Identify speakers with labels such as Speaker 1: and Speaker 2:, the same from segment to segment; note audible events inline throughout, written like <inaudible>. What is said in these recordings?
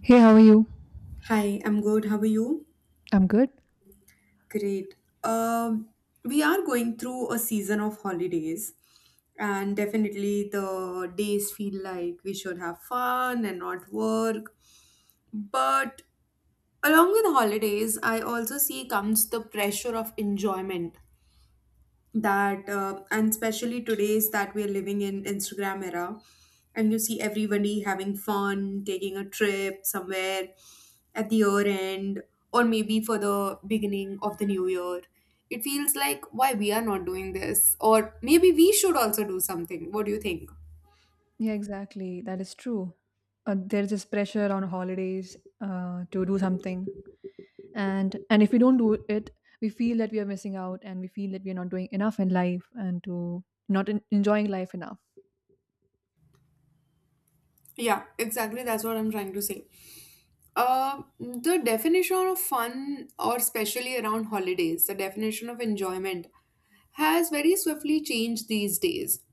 Speaker 1: Hey, how are you?
Speaker 2: Hi, I'm good. How are you?
Speaker 1: I'm good.
Speaker 2: Great. Um, we are going through a season of holidays, and definitely the days feel like we should have fun and not work. But along with holidays, I also see comes the pressure of enjoyment that and especially today's that we are living in Instagram era, and you see everybody having fun taking a trip somewhere at the year end or maybe for the beginning of the new year. It feels like why we are not doing this, or maybe we should also do something. What do you think?
Speaker 1: Yeah, exactly. That is true. There's this pressure on holidays to do something, and if we don't do it, we feel that we are missing out, and we feel that we are not doing enough in life, and to not enjoying life enough.
Speaker 2: Yeah, exactly, that's what I'm trying to say. The definition of fun, or especially around holidays, the definition of enjoyment has very swiftly changed these days.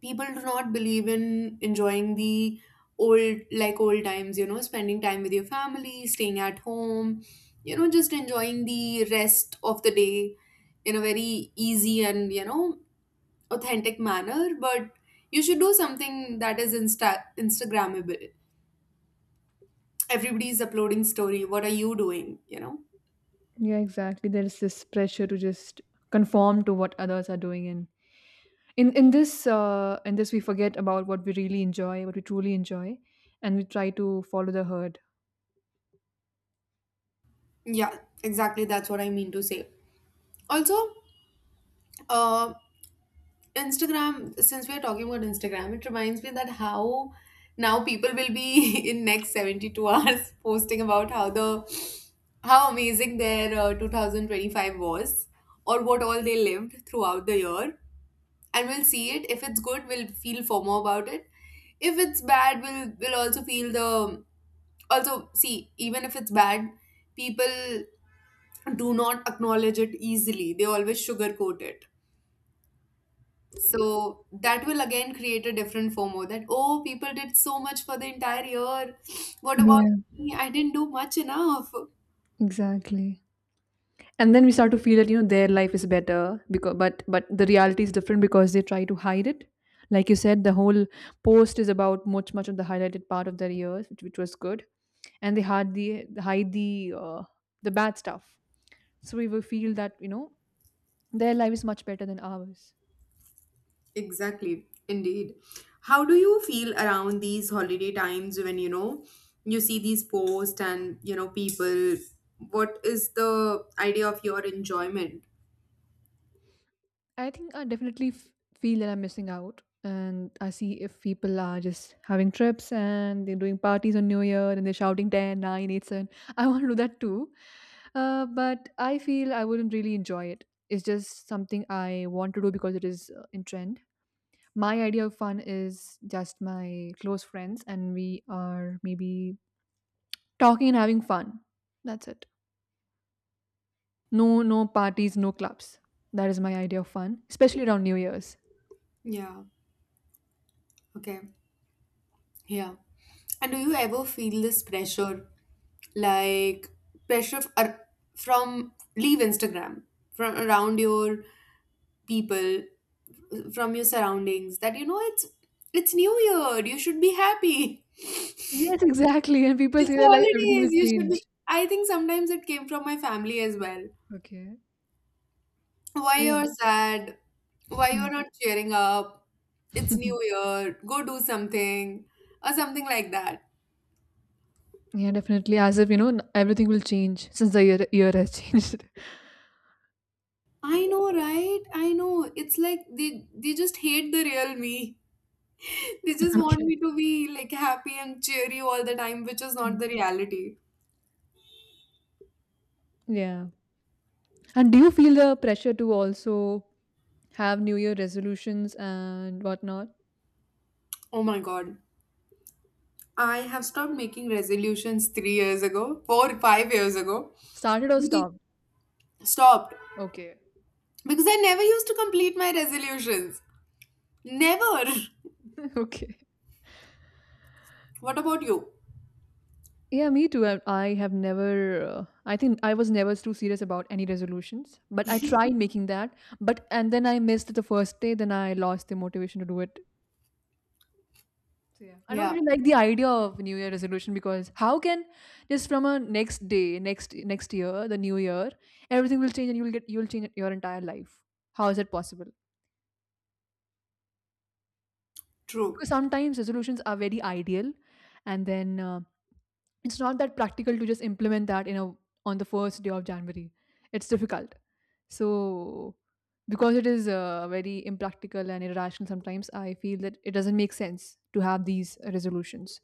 Speaker 2: People do not believe in enjoying the old times, you know, spending time with your family, staying at home, you know, just enjoying the rest of the day in a very easy and, you know, authentic manner. But you should do something that is instagrammable. Everybody is uploading story, what are you doing, you know?
Speaker 1: Yeah, exactly. There's this pressure to just conform to what others are doing, and in this we forget about what we really enjoy, what we truly enjoy, and we try to follow the herd.
Speaker 2: Yeah, exactly, that's what I mean to say. Also, uh Instagram, since we are talking about Instagram, it reminds me that how now people will be <laughs> in next 72 hours <laughs> posting about how the how amazing their 2025 was, or what all they lived throughout the year. And we'll see it: if it's good, we'll feel FOMO about it. If it's bad, we'll also feel the also see, even if it's bad, people do not acknowledge it easily, they always sugarcoat it. So that will again create a different FOMO that, oh, people did so much for the entire year. What about
Speaker 1: Yeah,
Speaker 2: me? I didn't do much enough.
Speaker 1: exactly. And then we start to feel that you know their life is better because but the reality is different because they try to hide it. Like you said, the whole post is about much of the highlighted part of their years, which was good, and they hide the bad stuff. So we will feel that you know their life is much better than ours.
Speaker 2: Exactly, indeed. How do you feel around these holiday times when, you know, you see these posts and you know people? What is the idea of your enjoyment?
Speaker 1: I think I definitely feel that I'm missing out. And I see if people are just having trips and they're doing parties on New Year and they're shouting 10, 9, 8, 7. <laughs> I want to do that too. But I feel I wouldn't really enjoy it. It's just something I want to do because it is in trend. My idea of fun is just my close friends and we are maybe talking and having fun. That's it. No, no parties, no clubs. That is my idea of fun, especially around New Year's.
Speaker 2: Yeah. Okay. Yeah. And do you ever feel this pressure, like pressure from leave Instagram, from around your people, from your surroundings that, you know, it's new year, you should be happy.
Speaker 1: Yes, exactly. And
Speaker 2: <laughs>
Speaker 1: people
Speaker 2: It's
Speaker 1: say that like everything
Speaker 2: holidays,
Speaker 1: will
Speaker 2: you should
Speaker 1: change.
Speaker 2: be. I think sometimes it came from my family as well.
Speaker 1: Okay.
Speaker 2: Why
Speaker 1: Yeah.
Speaker 2: you're sad, why
Speaker 1: Hmm.
Speaker 2: you're not cheering up, it's new
Speaker 1: <laughs>
Speaker 2: year, go do something, or something like that.
Speaker 1: Yeah, definitely. As if you know, everything will change since the year has changed. <laughs>
Speaker 2: I know,
Speaker 1: Yeah.
Speaker 2: right, I know, it's like they just hate the real me. <laughs> They just want me
Speaker 1: Okay.
Speaker 2: to be like happy and cheery all the time, which is not
Speaker 1: Mm.
Speaker 2: the reality.
Speaker 1: Yeah. And do you feel the pressure to also have New Year resolutions and whatnot?
Speaker 2: Oh my god, I have stopped making resolutions 3 years ago, four, 5 years ago.
Speaker 1: Started or
Speaker 2: Because
Speaker 1: stopped?
Speaker 2: stopped.
Speaker 1: Okay.
Speaker 2: Because I never used to complete my resolutions. Never.
Speaker 1: <laughs> Okay.
Speaker 2: <laughs> What about you?
Speaker 1: Yeah, me too. I have never, I think I was never too serious about any resolutions, but I tried making that. But, and then I missed it the first day, then I lost the motivation to do it. So, yeah. I don't
Speaker 2: Yeah,
Speaker 1: really like the idea of New Year resolution because how can just from a next day, next year, the new year, everything will change and you'll change your entire life. How is it possible?
Speaker 2: true.
Speaker 1: Because sometimes resolutions are very ideal, and then it's not that practical to just implement that in a on the first day of January. It's difficult. So because it is very impractical and irrational, sometimes I feel that it doesn't make sense to have these resolutions.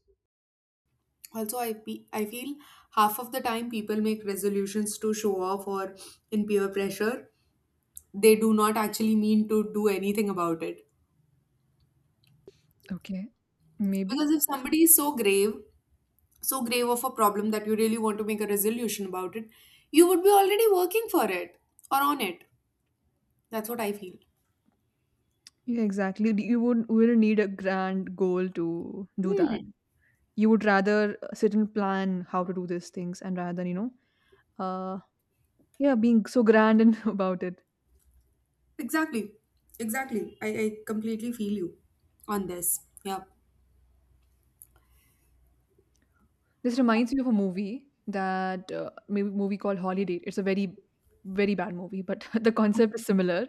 Speaker 2: Also, I feel half of the time people make resolutions to show off or in peer pressure. They do not actually mean to do anything about it.
Speaker 1: Okay. Maybe.
Speaker 2: Because if somebody is so grave of a problem that you really want to make a resolution about it, you would be already working for it or on it. That's what I feel.
Speaker 1: Yeah, exactly. D- You would wouldn't need a grand goal to do that.
Speaker 2: Hmm.
Speaker 1: You would rather sit and plan how to do these things and rather than, you know, uh yeah, being so grand and <laughs> about it.
Speaker 2: Exactly. Exactly. I completely feel you on this. Yeah.
Speaker 1: This reminds me of a movie that maybe movie called Holiday. It's a very, very bad movie, but <laughs> the concept is similar.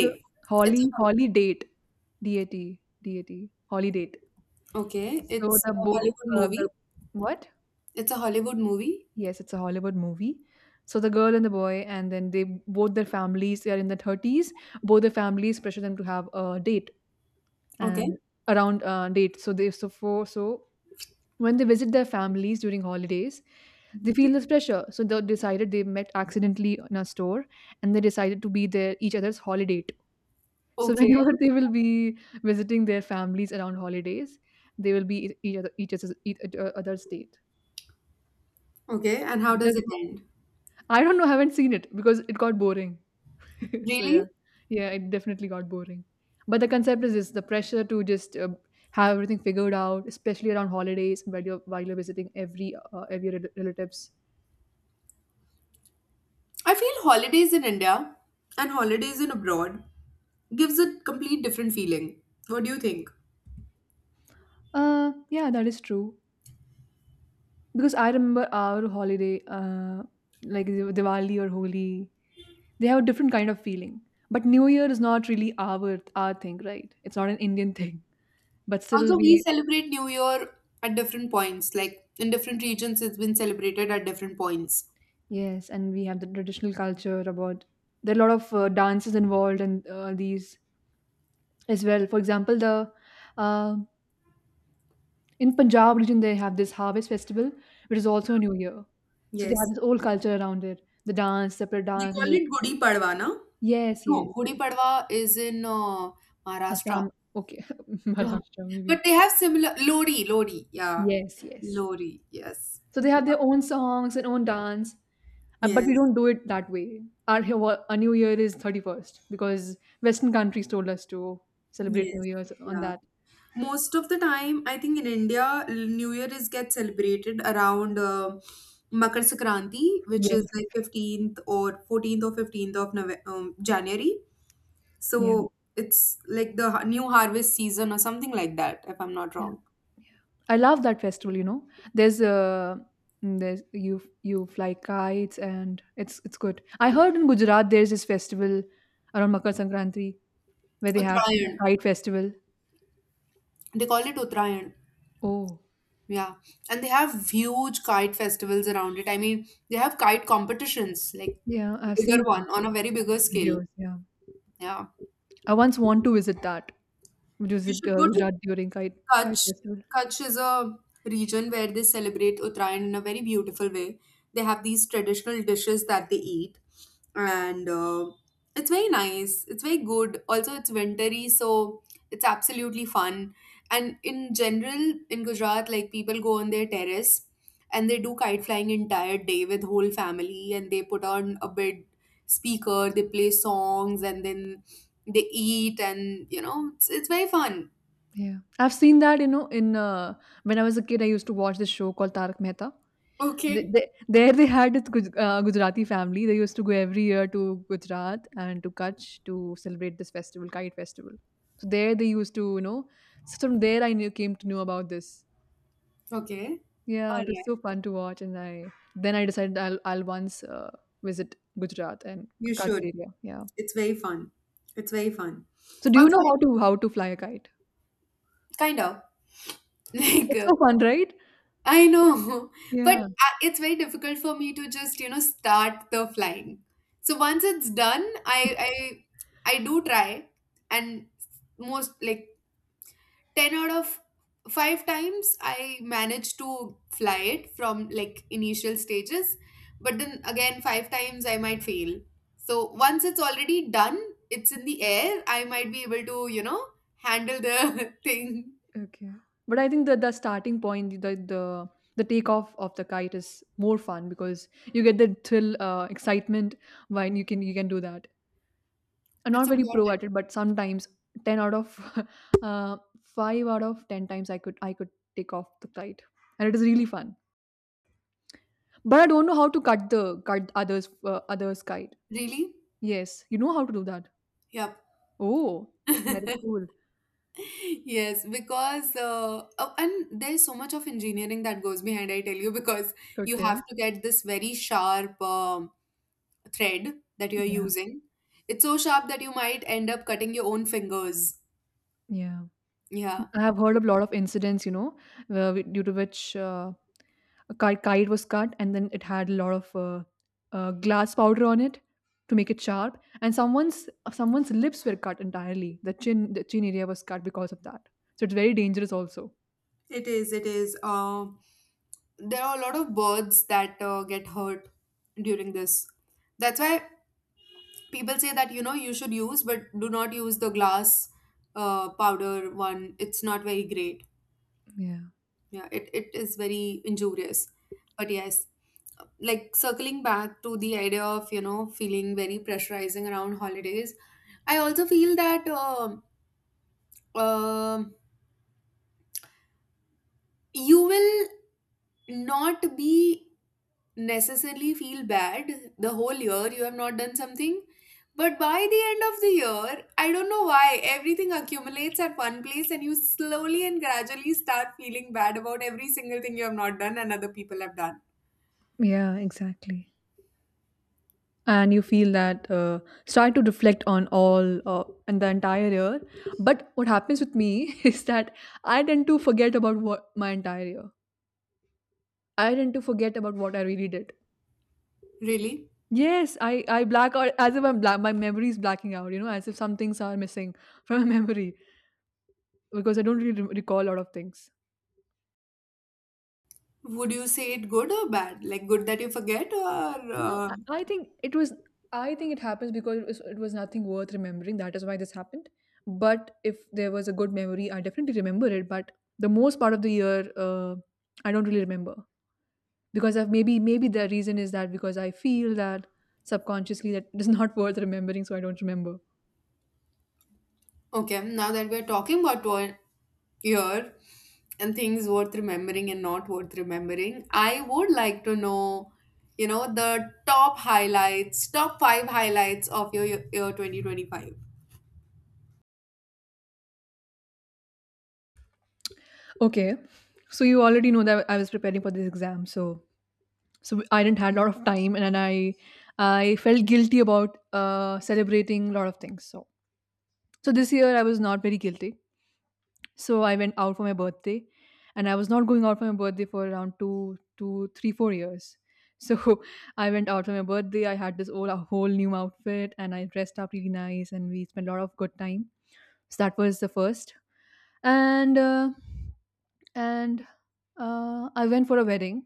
Speaker 1: So
Speaker 2: It's
Speaker 1: Holly,
Speaker 2: a,
Speaker 1: Holly Date, DAT, DAT, Holly Date.
Speaker 2: okay.
Speaker 1: So
Speaker 2: It's
Speaker 1: the
Speaker 2: a
Speaker 1: bo-
Speaker 2: Hollywood
Speaker 1: uh, the
Speaker 2: movie.
Speaker 1: what?
Speaker 2: It's a Hollywood movie.
Speaker 1: Yes, it's a Hollywood movie. So the girl and the boy, and then they both their families. They are in the thirties. Both their families pressure them to have a date and
Speaker 2: Okay.
Speaker 1: around date. So they so for so when they visit their families during holidays, they
Speaker 2: Mhm.
Speaker 1: feel this pressure. So they decided they met accidentally in a store and they decided to be their each other's holiday date. So <laughs>
Speaker 2: Okay.
Speaker 1: whenever they will be visiting their families around holidays, they will be e-, each other each other's date.
Speaker 2: Okay. And how does
Speaker 1: Just,
Speaker 2: it end?
Speaker 1: I don't know, haven't seen it because it got boring. <laughs> So yeah,
Speaker 2: Really?
Speaker 1: yeah, it definitely got boring. But the concept is this: the pressure to just have everything figured out, especially around holidays, while you're visiting every relatives.
Speaker 2: I feel holidays in India and holidays in abroad gives a complete different feeling. What do you think?
Speaker 1: Yeah, that is true. Because I remember our holiday, like Diwali or Holi, they have a different kind of feeling. But New Year is not really our thing, right? It's not an Indian <laughs> thing. But still,
Speaker 2: Also, we
Speaker 1: we.
Speaker 2: celebrate New Year at different points. Like in different regions, it's been celebrated at different points.
Speaker 1: Yes, and we have the traditional culture about there are a lot of dances involved and these as well. For example, the uh, in Punjab region they have this harvest festival, which is also a New Year. So they have
Speaker 2: Yes.
Speaker 1: this whole culture around it, the dance, separate
Speaker 2: They
Speaker 1: dance, and
Speaker 2: call
Speaker 1: the.
Speaker 2: it Gudi Padwa, na?
Speaker 1: Yes, yes,
Speaker 2: No, Gudi
Speaker 1: yes.
Speaker 2: Padwa is in Maharashtra.
Speaker 1: Assam, okay, <laughs>
Speaker 2: Ugh.
Speaker 1: Maharashtra maybe.
Speaker 2: But they have similar Lodi, Lodi, yeah.
Speaker 1: Yes, yes.
Speaker 2: Lodi, yes.
Speaker 1: So they have their own songs and own dance, but we
Speaker 2: Yes.
Speaker 1: don't do it that way. Our New Year is 31st because Western countries told us to celebrate New
Speaker 2: Yes.
Speaker 1: Year's on
Speaker 2: Yeah.
Speaker 1: that.
Speaker 2: Most of the time, I think in India, New Year is get celebrated around Makar Sankranti, which is
Speaker 1: Yes,
Speaker 2: like 15th or 14th or 15th of January.
Speaker 1: yeah,
Speaker 2: So it's like the new harvest season or something like that, if I'm not
Speaker 1: yeah.
Speaker 2: wrong.
Speaker 1: I love that festival. You know, there's a there's you fly kites and it's good. I heard in Gujarat there's this festival around Makar Sankranti where they have a
Speaker 2: Uttarayan.
Speaker 1: kite festival.
Speaker 2: They call it Uttarayan.
Speaker 1: Oh,
Speaker 2: Yeah. And they have huge kite festivals around it. I mean, they have kite competitions, like
Speaker 1: yeah, I've
Speaker 2: bigger
Speaker 1: seen.
Speaker 2: one on a very bigger
Speaker 1: Classic
Speaker 2: scale.
Speaker 1: videos, yeah.
Speaker 2: Yeah.
Speaker 1: I once want to visit that, which was
Speaker 2: You
Speaker 1: at
Speaker 2: should go to
Speaker 1: Gujarat during Kite
Speaker 2: Kutch.
Speaker 1: Festival.
Speaker 2: Kutch is a region where they celebrate Uttarayan in a very beautiful way. They have these traditional dishes that they eat, and it's very nice. It's very good. Also, it's wintry, so it's absolutely fun. And in general, in Gujarat, like people go on their terrace and they do kite flying entire day with whole family, and they put on a big speaker, they play songs, and then they eat, and, you know, it's very fun.
Speaker 1: Yeah, I've seen that. You know, in when I was a kid, I used to watch this show called Tarak Mehta.
Speaker 2: Okay.
Speaker 1: They had this Gujarati family. They used to go every year to Gujarat and to Kutch to celebrate this festival, Kite Festival. So there they used to, you know, so from there I knew came to know about this.
Speaker 2: Okay.
Speaker 1: Yeah,
Speaker 2: All
Speaker 1: it was so
Speaker 2: right.
Speaker 1: fun to watch, and I then I decided I'll once visit Gujarat and
Speaker 2: You
Speaker 1: Kutch
Speaker 2: should.
Speaker 1: area. Yeah.
Speaker 2: It's very fun. It's very fun.
Speaker 1: So do you know
Speaker 2: Although,
Speaker 1: how to fly a kite?
Speaker 2: kind of. <laughs> Like,
Speaker 1: It's so fun, right?
Speaker 2: I know. But
Speaker 1: Yeah.
Speaker 2: it's very difficult for me to just, you know, start the flying. So once it's done, I I do try, and most like 10 out of 5 times I managed to fly it from like initial stages, but then again 5 times I might fail. So once it's already done, it's in the air, I might be able to, you know, handle the <laughs> thing.
Speaker 1: Okay. But I think that the starting point, the takeoff of the kite is more fun because you get the thrill, excitement when you can do that. I'm not
Speaker 2: It's
Speaker 1: very pro
Speaker 2: important.
Speaker 1: at it, but sometimes ten out of <laughs> uh, five out of ten times I could take off the kite, and it is really fun. But I don't know how to cut others kite.
Speaker 2: Really?
Speaker 1: Yes, you know how to do that.
Speaker 2: Yep.
Speaker 1: Oh, that is cool.
Speaker 2: <laughs> Yes, because oh, and there's so much of engineering that goes behind, I tell you, because you
Speaker 1: Okay.
Speaker 2: have to get this very sharp thread that you're using. It's so sharp that you might end up cutting your own fingers.
Speaker 1: Yeah,
Speaker 2: Yeah,
Speaker 1: I have heard of a lot of incidents, you know, where due to which a kite was cut and then it had a lot of glass powder on it to make it sharp, and someone's lips were cut entirely. The chin area was cut because of that. So it's very dangerous, also.
Speaker 2: it is. It is. There are a lot of birds that get hurt during this. That's why people say that, you know, you should use, but do not use the glass powder one. It's not very great.
Speaker 1: Yeah,
Speaker 2: Yeah, it is very injurious. But yes, like circling back to the idea of, you know, feeling very pressurizing around holidays, I also feel that um you will not be necessarily feel bad the whole year you have not done something, but by the end of the year, I don't know why everything accumulates at one place, and you slowly and gradually start feeling bad about every single thing you have not done and other people have done.
Speaker 1: yeah, exactly. And you feel that start to reflect on all and the entire year. But what happens with me <laughs> is that I tend to forget about what my entire year. I tend to forget about what I really did.
Speaker 2: Really?
Speaker 1: Yes, I black out as if I'm black. My memory is blacking out. You know, as if some things are missing <laughs> from my memory because I don't really recall a lot of things.
Speaker 2: Would you say it good or bad, like good that you forget or
Speaker 1: No, I think it was. I think it happens because it was nothing worth remembering. That is why this happened. But if there was a good memory, I definitely remember it. But the most part of the year, I don't really remember because I've maybe the reason is that because I feel that subconsciously that it is not worth remembering, so I don't remember.
Speaker 2: Okay, now that we're talking about one year and things worth remembering and not worth remembering, I would like to know, you know, the top highlights, top five highlights of your year 2025.
Speaker 1: Okay, so you already know that I was preparing for this exam, so I didn't had a lot of time, and then I felt guilty about celebrating a lot of things, so this year I was not very guilty, so I went out for my birthday, and I was not going out for my birthday for around 2 2 3 4 years, so <laughs> I went out for my birthday. I had this whole a whole new outfit and I dressed up really nice and we spent a lot of good time, so that was the first. And uh, and uh, I went for a wedding,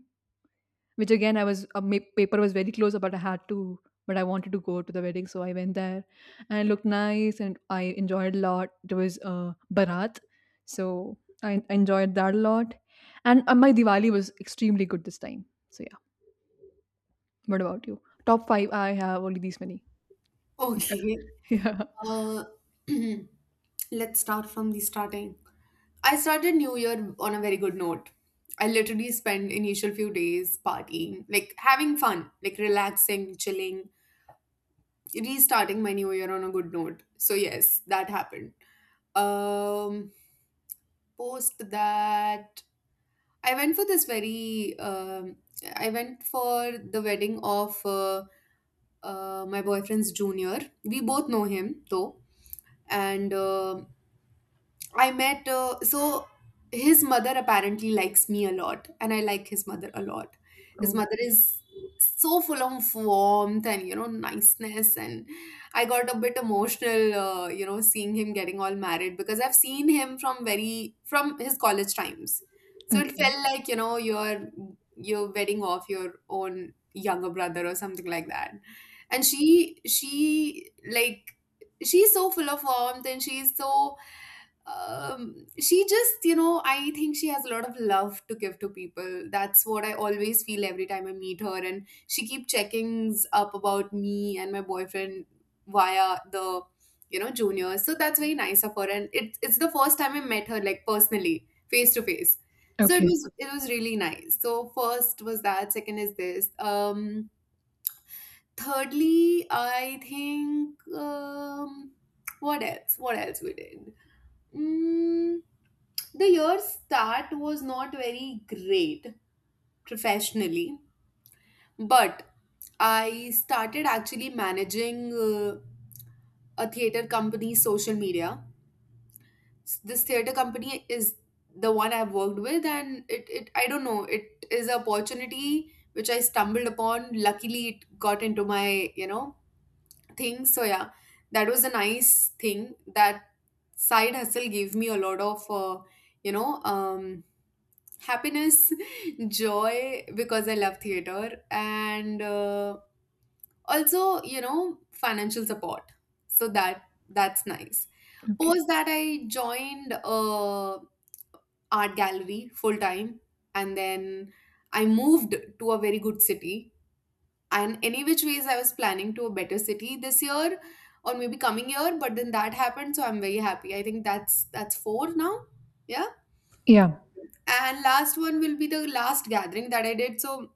Speaker 1: which again I was my paper was very close, but I had to. But I wanted to go to the wedding, so I went there, and it looked nice, and I enjoyed a lot. It was Bharat, so I enjoyed that a lot, and my Diwali was extremely good this time. So yeah, what about you? Top five? I have only these many. <laughs> Yeah,
Speaker 2: Okay.
Speaker 1: yeah.
Speaker 2: Uh, <clears throat> let's start from the starting. I started New Year on a very good note. I literally spent initial few days partying, like having fun, like relaxing, chilling, restarting my New Year on a good note. So yes, that happened. Um Post that, I went for this very I went for the wedding of my boyfriend's junior. We both know him though, and I met, so his mother apparently likes me a lot, and I like his mother a lot. His
Speaker 1: Oh,
Speaker 2: mother is so full of warmth and, you know, niceness. And I got a bit emotional, you know, seeing him getting all married because I've seen him from very, from his college times. So it
Speaker 1: okay,
Speaker 2: felt like, you know, you're wedding off your own younger brother or something like that. And like, she's so full of warmth, and she's so she just, you know, I think she has a lot of love to give to people. That's what I always feel every time I meet her. And she keep checkings up about me and my boyfriend via the, you know, juniors. So that's very nice of her. And it's the first time I met her, like personally, face to face. So
Speaker 1: okay,
Speaker 2: it was really nice. So first was that, second is this. Thirdly, I think what else? What else we did? Mm, the year's start was not very great professionally, but I started actually managing a theater company's social media. This theater company is the one I've worked with, and it, I don't know, it is an opportunity which I stumbled upon. Luckily, it got into my, you know, thing. So yeah, that was a nice thing. That side hustle gave me a lot of you know. Happiness, <laughs> joy, because I love theater and also, you know, financial support. So that's nice.
Speaker 1: okay.
Speaker 2: Post that, I joined a art gallery full time, and then I moved to a very good city. And any which ways, I was planning to a better city this year or maybe coming year, but then that happened, so I'm very happy. I think that's four now. Yeah.
Speaker 1: Yeah,
Speaker 2: And last one will be the last gathering that I did. So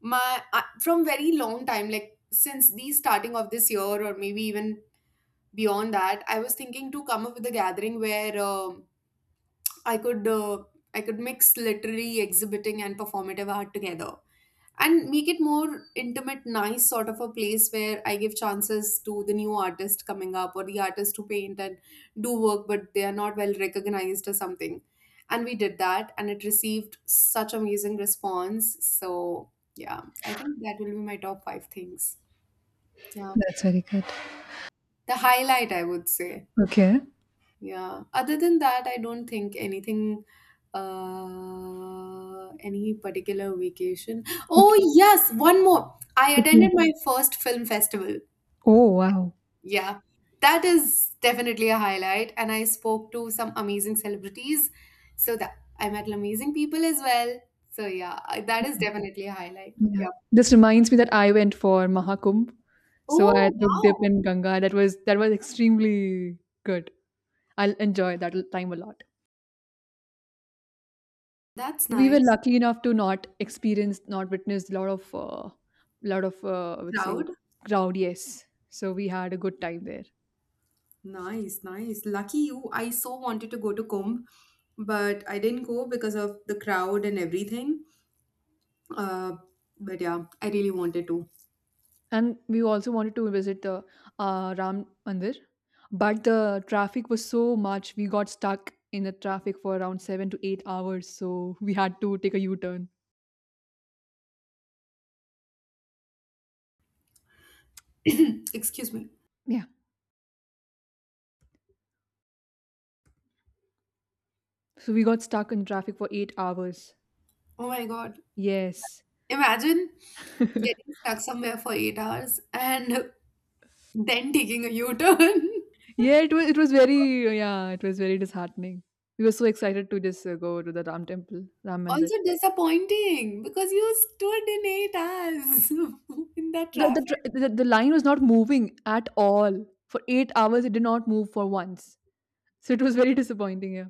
Speaker 2: from very long time, like since the starting of this year or maybe even beyond that, I was thinking to come up with a gathering where I could I could mix literary, exhibiting and performative art together and make it more intimate, nice sort of a place where I give chances to the new artist coming up, or the artist who paint and do work but they are not well recognized or something. And we did that, and it received such amazing response. So yeah, I think that will be my top 5 things. Yeah,
Speaker 1: that's very good.
Speaker 2: the highlight, I would say.
Speaker 1: Okay,
Speaker 2: Yeah. Other than that, I don't think anything, any particular vacation.
Speaker 1: okay,
Speaker 2: Oh, yes, one more. I
Speaker 1: okay.
Speaker 2: attended my first film festival.
Speaker 1: Oh, wow.
Speaker 2: Yeah. That is definitely a highlight. And I spoke to some amazing celebrities. So that I met amazing people as well. So yeah, that is definitely a highlight.
Speaker 1: Yeah.
Speaker 2: Yeah.
Speaker 1: This reminds me that I went for Mahakumbh. So I
Speaker 2: Oh,
Speaker 1: took dip
Speaker 2: wow.
Speaker 1: in Ganga. That was extremely good. I'll enjoy that time a lot.
Speaker 2: That's
Speaker 1: We were
Speaker 2: nice.
Speaker 1: lucky enough to not experience, not witness a lot of, I would say,
Speaker 2: Crowd.
Speaker 1: crowd. Yes, so we had a good time there,
Speaker 2: Nice, nice. Lucky you. I so wanted to go to Kumbh, but I didn't go because of the crowd and everything. Uh, but yeah, I really wanted to.
Speaker 1: and we also wanted to visit the Ram Mandir, but the traffic was so much. We got stuck in the traffic for around 7 to 8 hours, so we had to take a U turn.
Speaker 2: <clears throat> Excuse me.
Speaker 1: Yeah. So we got stuck in traffic for 8 hours.
Speaker 2: Oh my God.
Speaker 1: Yes.
Speaker 2: Imagine
Speaker 1: <laughs> yeah,
Speaker 2: getting stuck somewhere for 8 hours and <laughs> then taking a U-turn. <laughs>
Speaker 1: it was very, it was very disheartening. We were so excited to just go to the Ram temple, Ram Mandir.
Speaker 2: Also disappointing because you stood in 8 hours <laughs> in that
Speaker 1: The, the,
Speaker 2: traffic.
Speaker 1: tr- the, the line was not moving at all. For 8 hours, it did not move for once. So it was very disappointing, yeah.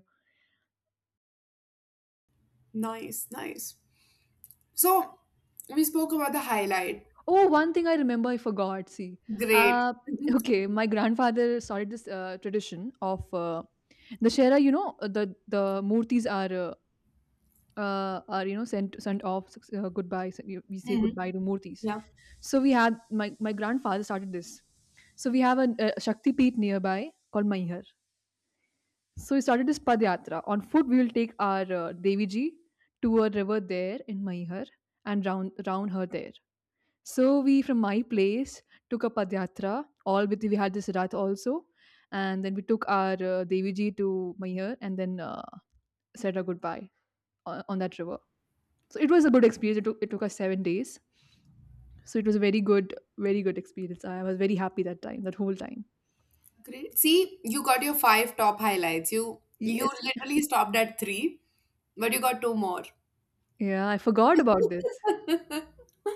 Speaker 2: Nice, nice. So we spoke about the highlight.
Speaker 1: Oh, one thing I remember I forgot, see.
Speaker 2: Great.
Speaker 1: Uh,
Speaker 2: Mhm.
Speaker 1: okay, my grandfather started this tradition of the Shera, you know, the murtis are are, you know, sent off, goodbye. So we say
Speaker 2: Mhm.
Speaker 1: goodbye to murtis.
Speaker 2: Yeah.
Speaker 1: So we had my grandfather started this. So we have a Shakti Peeth nearby called Maihar. So we started this Padyatra. On foot, we will take our Devi Ji to a river there in Maihar and round her there. So we from my place took a Padyatra. All with we had this Rath also, and then we took our Devi Ji to Maihar, and then said our goodbye on that river. So it was a good experience. It took us 7 days. So it was a very good, very good experience. I was very happy that time, that whole time.
Speaker 2: Great. See, you got your five top highlights. You
Speaker 1: Yes.
Speaker 2: literally stopped at three, but you got two more.
Speaker 1: Yeah, I forgot about this.
Speaker 2: <laughs>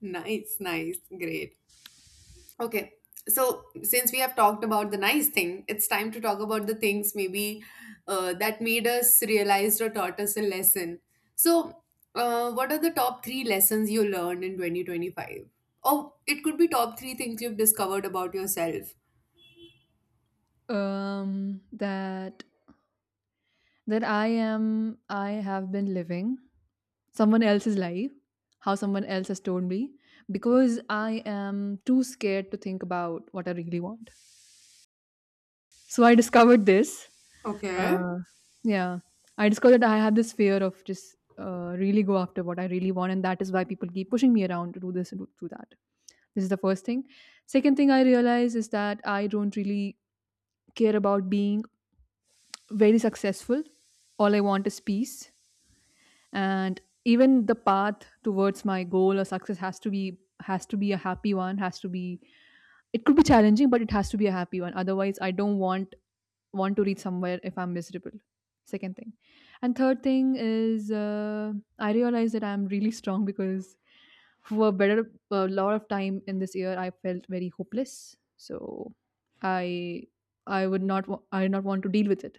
Speaker 2: Nice, nice, great. Okay. So since we have talked about the nice thing, it's time to talk about the things maybe that made us realize or taught us a lesson. So, what are the top three lessons you learned in 2025? Oh, it could be top three things you've discovered about yourself.
Speaker 1: That that I am, I have been living someone else's life, how someone else has told me, because I am too scared to think about what I really want. So I discovered this.
Speaker 2: Okay.
Speaker 1: Uh, yeah, I discovered that I have this fear of just really go after what I really want, and that is why people keep pushing me around to do this and do that. This is the first thing. Second thing I realize is that I don't really care about being very successful. All I want is peace, and even the path towards my goal or success has to be a happy one. Has to be, it could be challenging, but it has to be a happy one. Otherwise, I don't want to reach somewhere if I'm miserable. Second thing. And third thing is, I realize that I'm really strong because for a better a lot of time in this year I felt very hopeless. So I I would not I did not want to deal with it.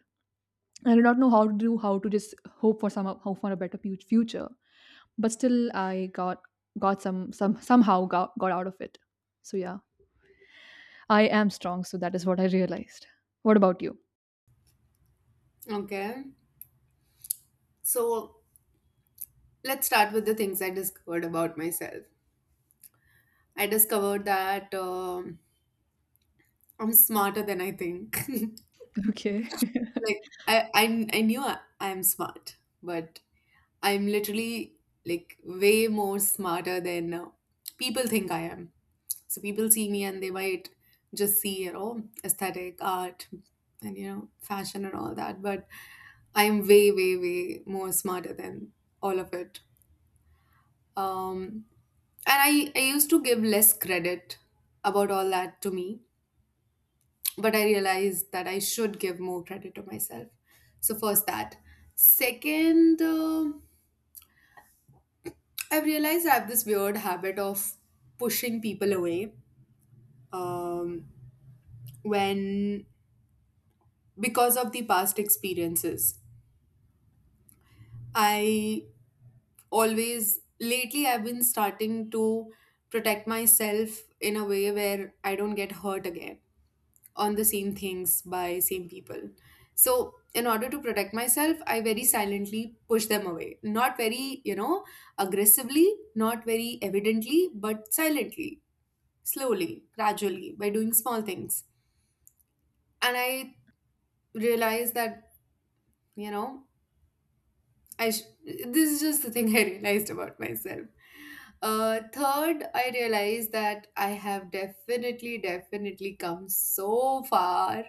Speaker 1: I did not know how to do how to just hope for some hope for a better future. But still I got some somehow got out of it. So yeah, I am strong, so that is what I realized. What about you?
Speaker 2: Okay. So, let's start with the things I discovered about myself. I discovered that I'm smarter than I think. <laughs> Like,
Speaker 1: Okay. <laughs>
Speaker 2: I knew I'm smart, but I'm literally like way more smarter than people think I am. So people see me and they might just see, you know, aesthetic art and, you know, fashion and all that, but I'm way more smarter than all of it. um, and I used to give less credit about all that to me, but I realized that I should give more credit to myself. So first that. Second, I've realized I have this weird habit of pushing people away, um, when, because of the past experiences, I always, lately I've been starting to protect myself in a way where I don't get hurt again on the same things by same people. So in order to protect myself, I very silently push them away, not very, you know, aggressively, not very evidently, but silently, slowly, gradually, by doing small things. And I realize that, you know, this is just the thing I realized about myself. Third, I realized that I have definitely come so far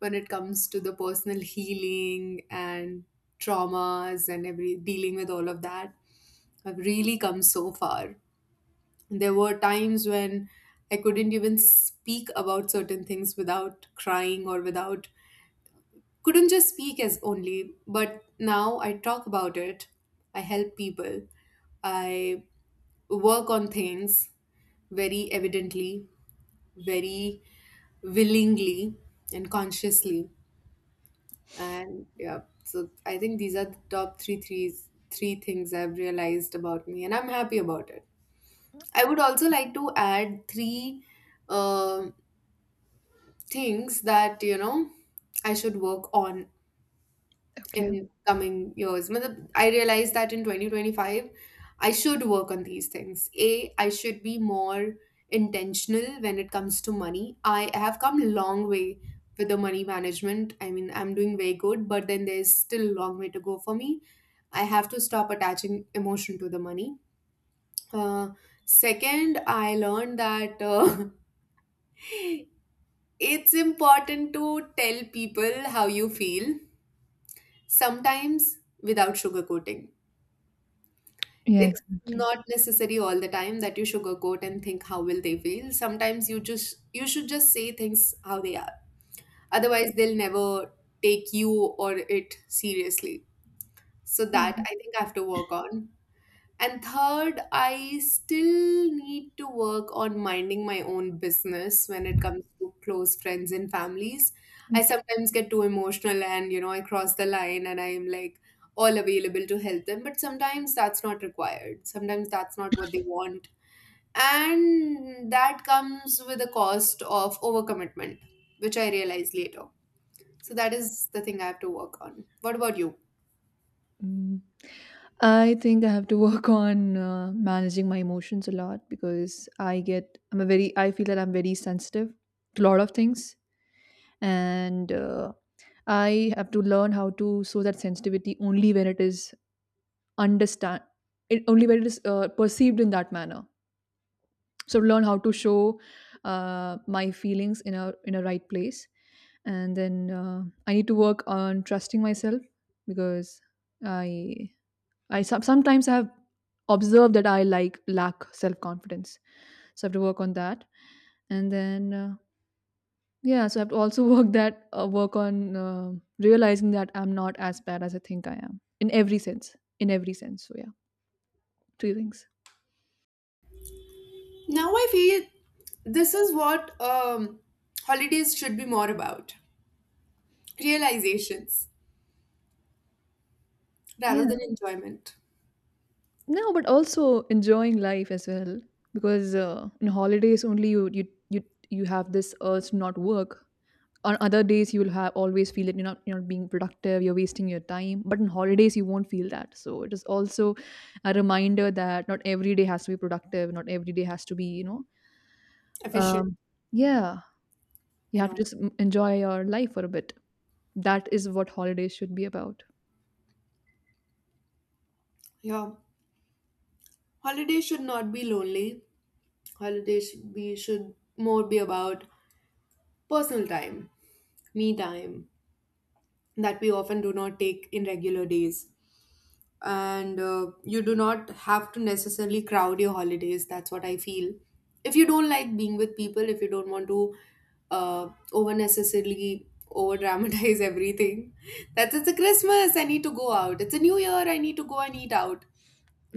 Speaker 2: when it comes to the personal healing and traumas and every dealing with all of that. I've really come so far. There were times when I couldn't even speak about certain things without crying or without couldn't just speak as only, but now I talk about it, I help people, I work on things very evidently, very willingly, and consciously. And yeah, so I think these are the top three things I've realized about me, and I'm happy about it. I would also like to add three uh, things that, you know, I should work on
Speaker 1: Okay.
Speaker 2: in coming years. Matlab, I realized that in 2025, I should work on these things. A, I should be more intentional when it comes to money. I have come a long way with the money management. I mean, I'm doing very good, but then there's still a long way to go for me. I have to stop attaching emotion to the money. Uh, Second, I learned that <laughs> it's important to tell people how you feel sometimes, without sugarcoating.
Speaker 1: Yeah,
Speaker 2: It's
Speaker 1: exactly.
Speaker 2: not necessary all the time that you sugarcoat and think how will they feel. Sometimes you just you should just say things how they are, otherwise they'll never take you or it seriously. So that,
Speaker 1: Mhm.
Speaker 2: I think I have to work on. And third, I still need to work on minding my own business when it comes to close friends and families. I
Speaker 1: Okay.
Speaker 2: sometimes get too emotional and, you know, I cross the line and I am like all available to help them. But sometimes that's not required. Sometimes that's not what they want. And that comes with a cost of overcommitment, which I realized later. So that is the thing I have to work on. What about you?
Speaker 1: Mm. I think I have to <laughs> work on managing my emotions a lot because I get I'm a very I feel that I'm very sensitive to a lot of things, and I have to learn how to show that sensitivity only when it is understand it only when it is perceived in that manner, so learn how to show my feelings in a right place. And then, I need to work on trusting myself, because i sometimes I have observed that I like lack self confidence, so I have to work on that. And then, yeah, so I have to also <laughs> work that work on, realizing that I'm not as bad as I think I am in every sense, in every sense. So yeah, three things.
Speaker 2: Now I feel this is what, holidays should be more about realizations rather
Speaker 1: Yeah.
Speaker 2: than enjoyment.
Speaker 1: No, but also enjoying life as well, because in holidays only you have this urge to not work. On other days, you will have always feel that you're not being productive, you're wasting your time. But in holidays, you won't feel that. So it is also a reminder that not every day has to be productive. Not every day has to be, you know.
Speaker 2: Efficient,
Speaker 1: Um, yeah, you
Speaker 2: I
Speaker 1: have to
Speaker 2: know.
Speaker 1: just mm, enjoy your life for a bit. That is what holidays should be about.
Speaker 2: Yeah. Holidays should not be lonely. Holidays should more be about personal time, me time, that we often do not take in regular days. And you do not have to necessarily crowd your holidays, that's what I feel. If you don't like being with people, if you don't want to over necessarily over dramatize <laughs> everything, that's, it's a Christmas I need to go out, it's a new year I need to go and eat out.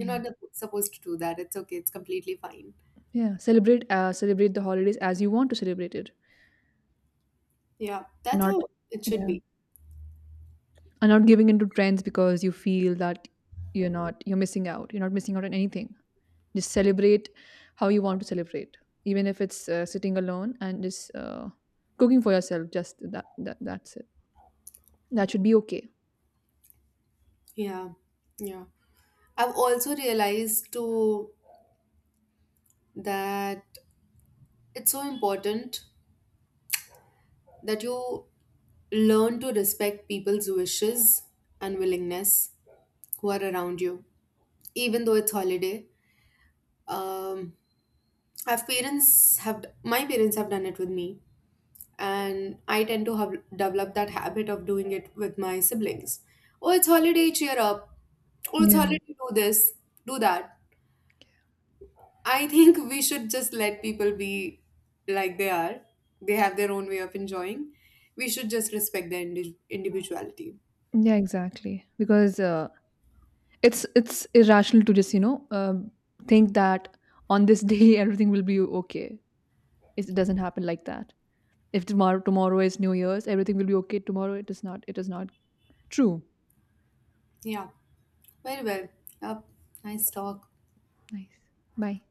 Speaker 2: You're not supposed to do that. It's okay, it's completely fine.
Speaker 1: yeah. Celebrate celebrate the holidays as you want to celebrate it,
Speaker 2: Yeah,
Speaker 1: and
Speaker 2: that's
Speaker 1: not.
Speaker 2: how it should
Speaker 1: Yeah.
Speaker 2: be.
Speaker 1: And not giving into trends because you feel that you're not you're missing out, you're not missing out on anything. Just celebrate how you want to celebrate, even if it's sitting alone and just cooking for yourself. Just that, that's it. That should be okay.
Speaker 2: Yeah. Yeah, I've also realized too that it's so important that you learn to respect people's wishes and willingness who are around you, even though it's holiday. Um, I've parents have my parents have done it with me, and I tend to have developed that habit of doing it with my siblings. Oh, it's holiday, cheer up. Oh, it's
Speaker 1: Yeah.
Speaker 2: holiday, do this, do that. I think we should just let people be like they are. They have their own way of enjoying. We should just respect their individuality.
Speaker 1: Yeah, exactly, because it's irrational to just, you know, think that on this day <laughs> everything will be okay. It doesn't happen like that. If tomorrow is new year's, everything will be okay tomorrow. It is not, it is not true.
Speaker 2: Yeah. Very well. Up. Nice talk.
Speaker 1: Nice. Bye.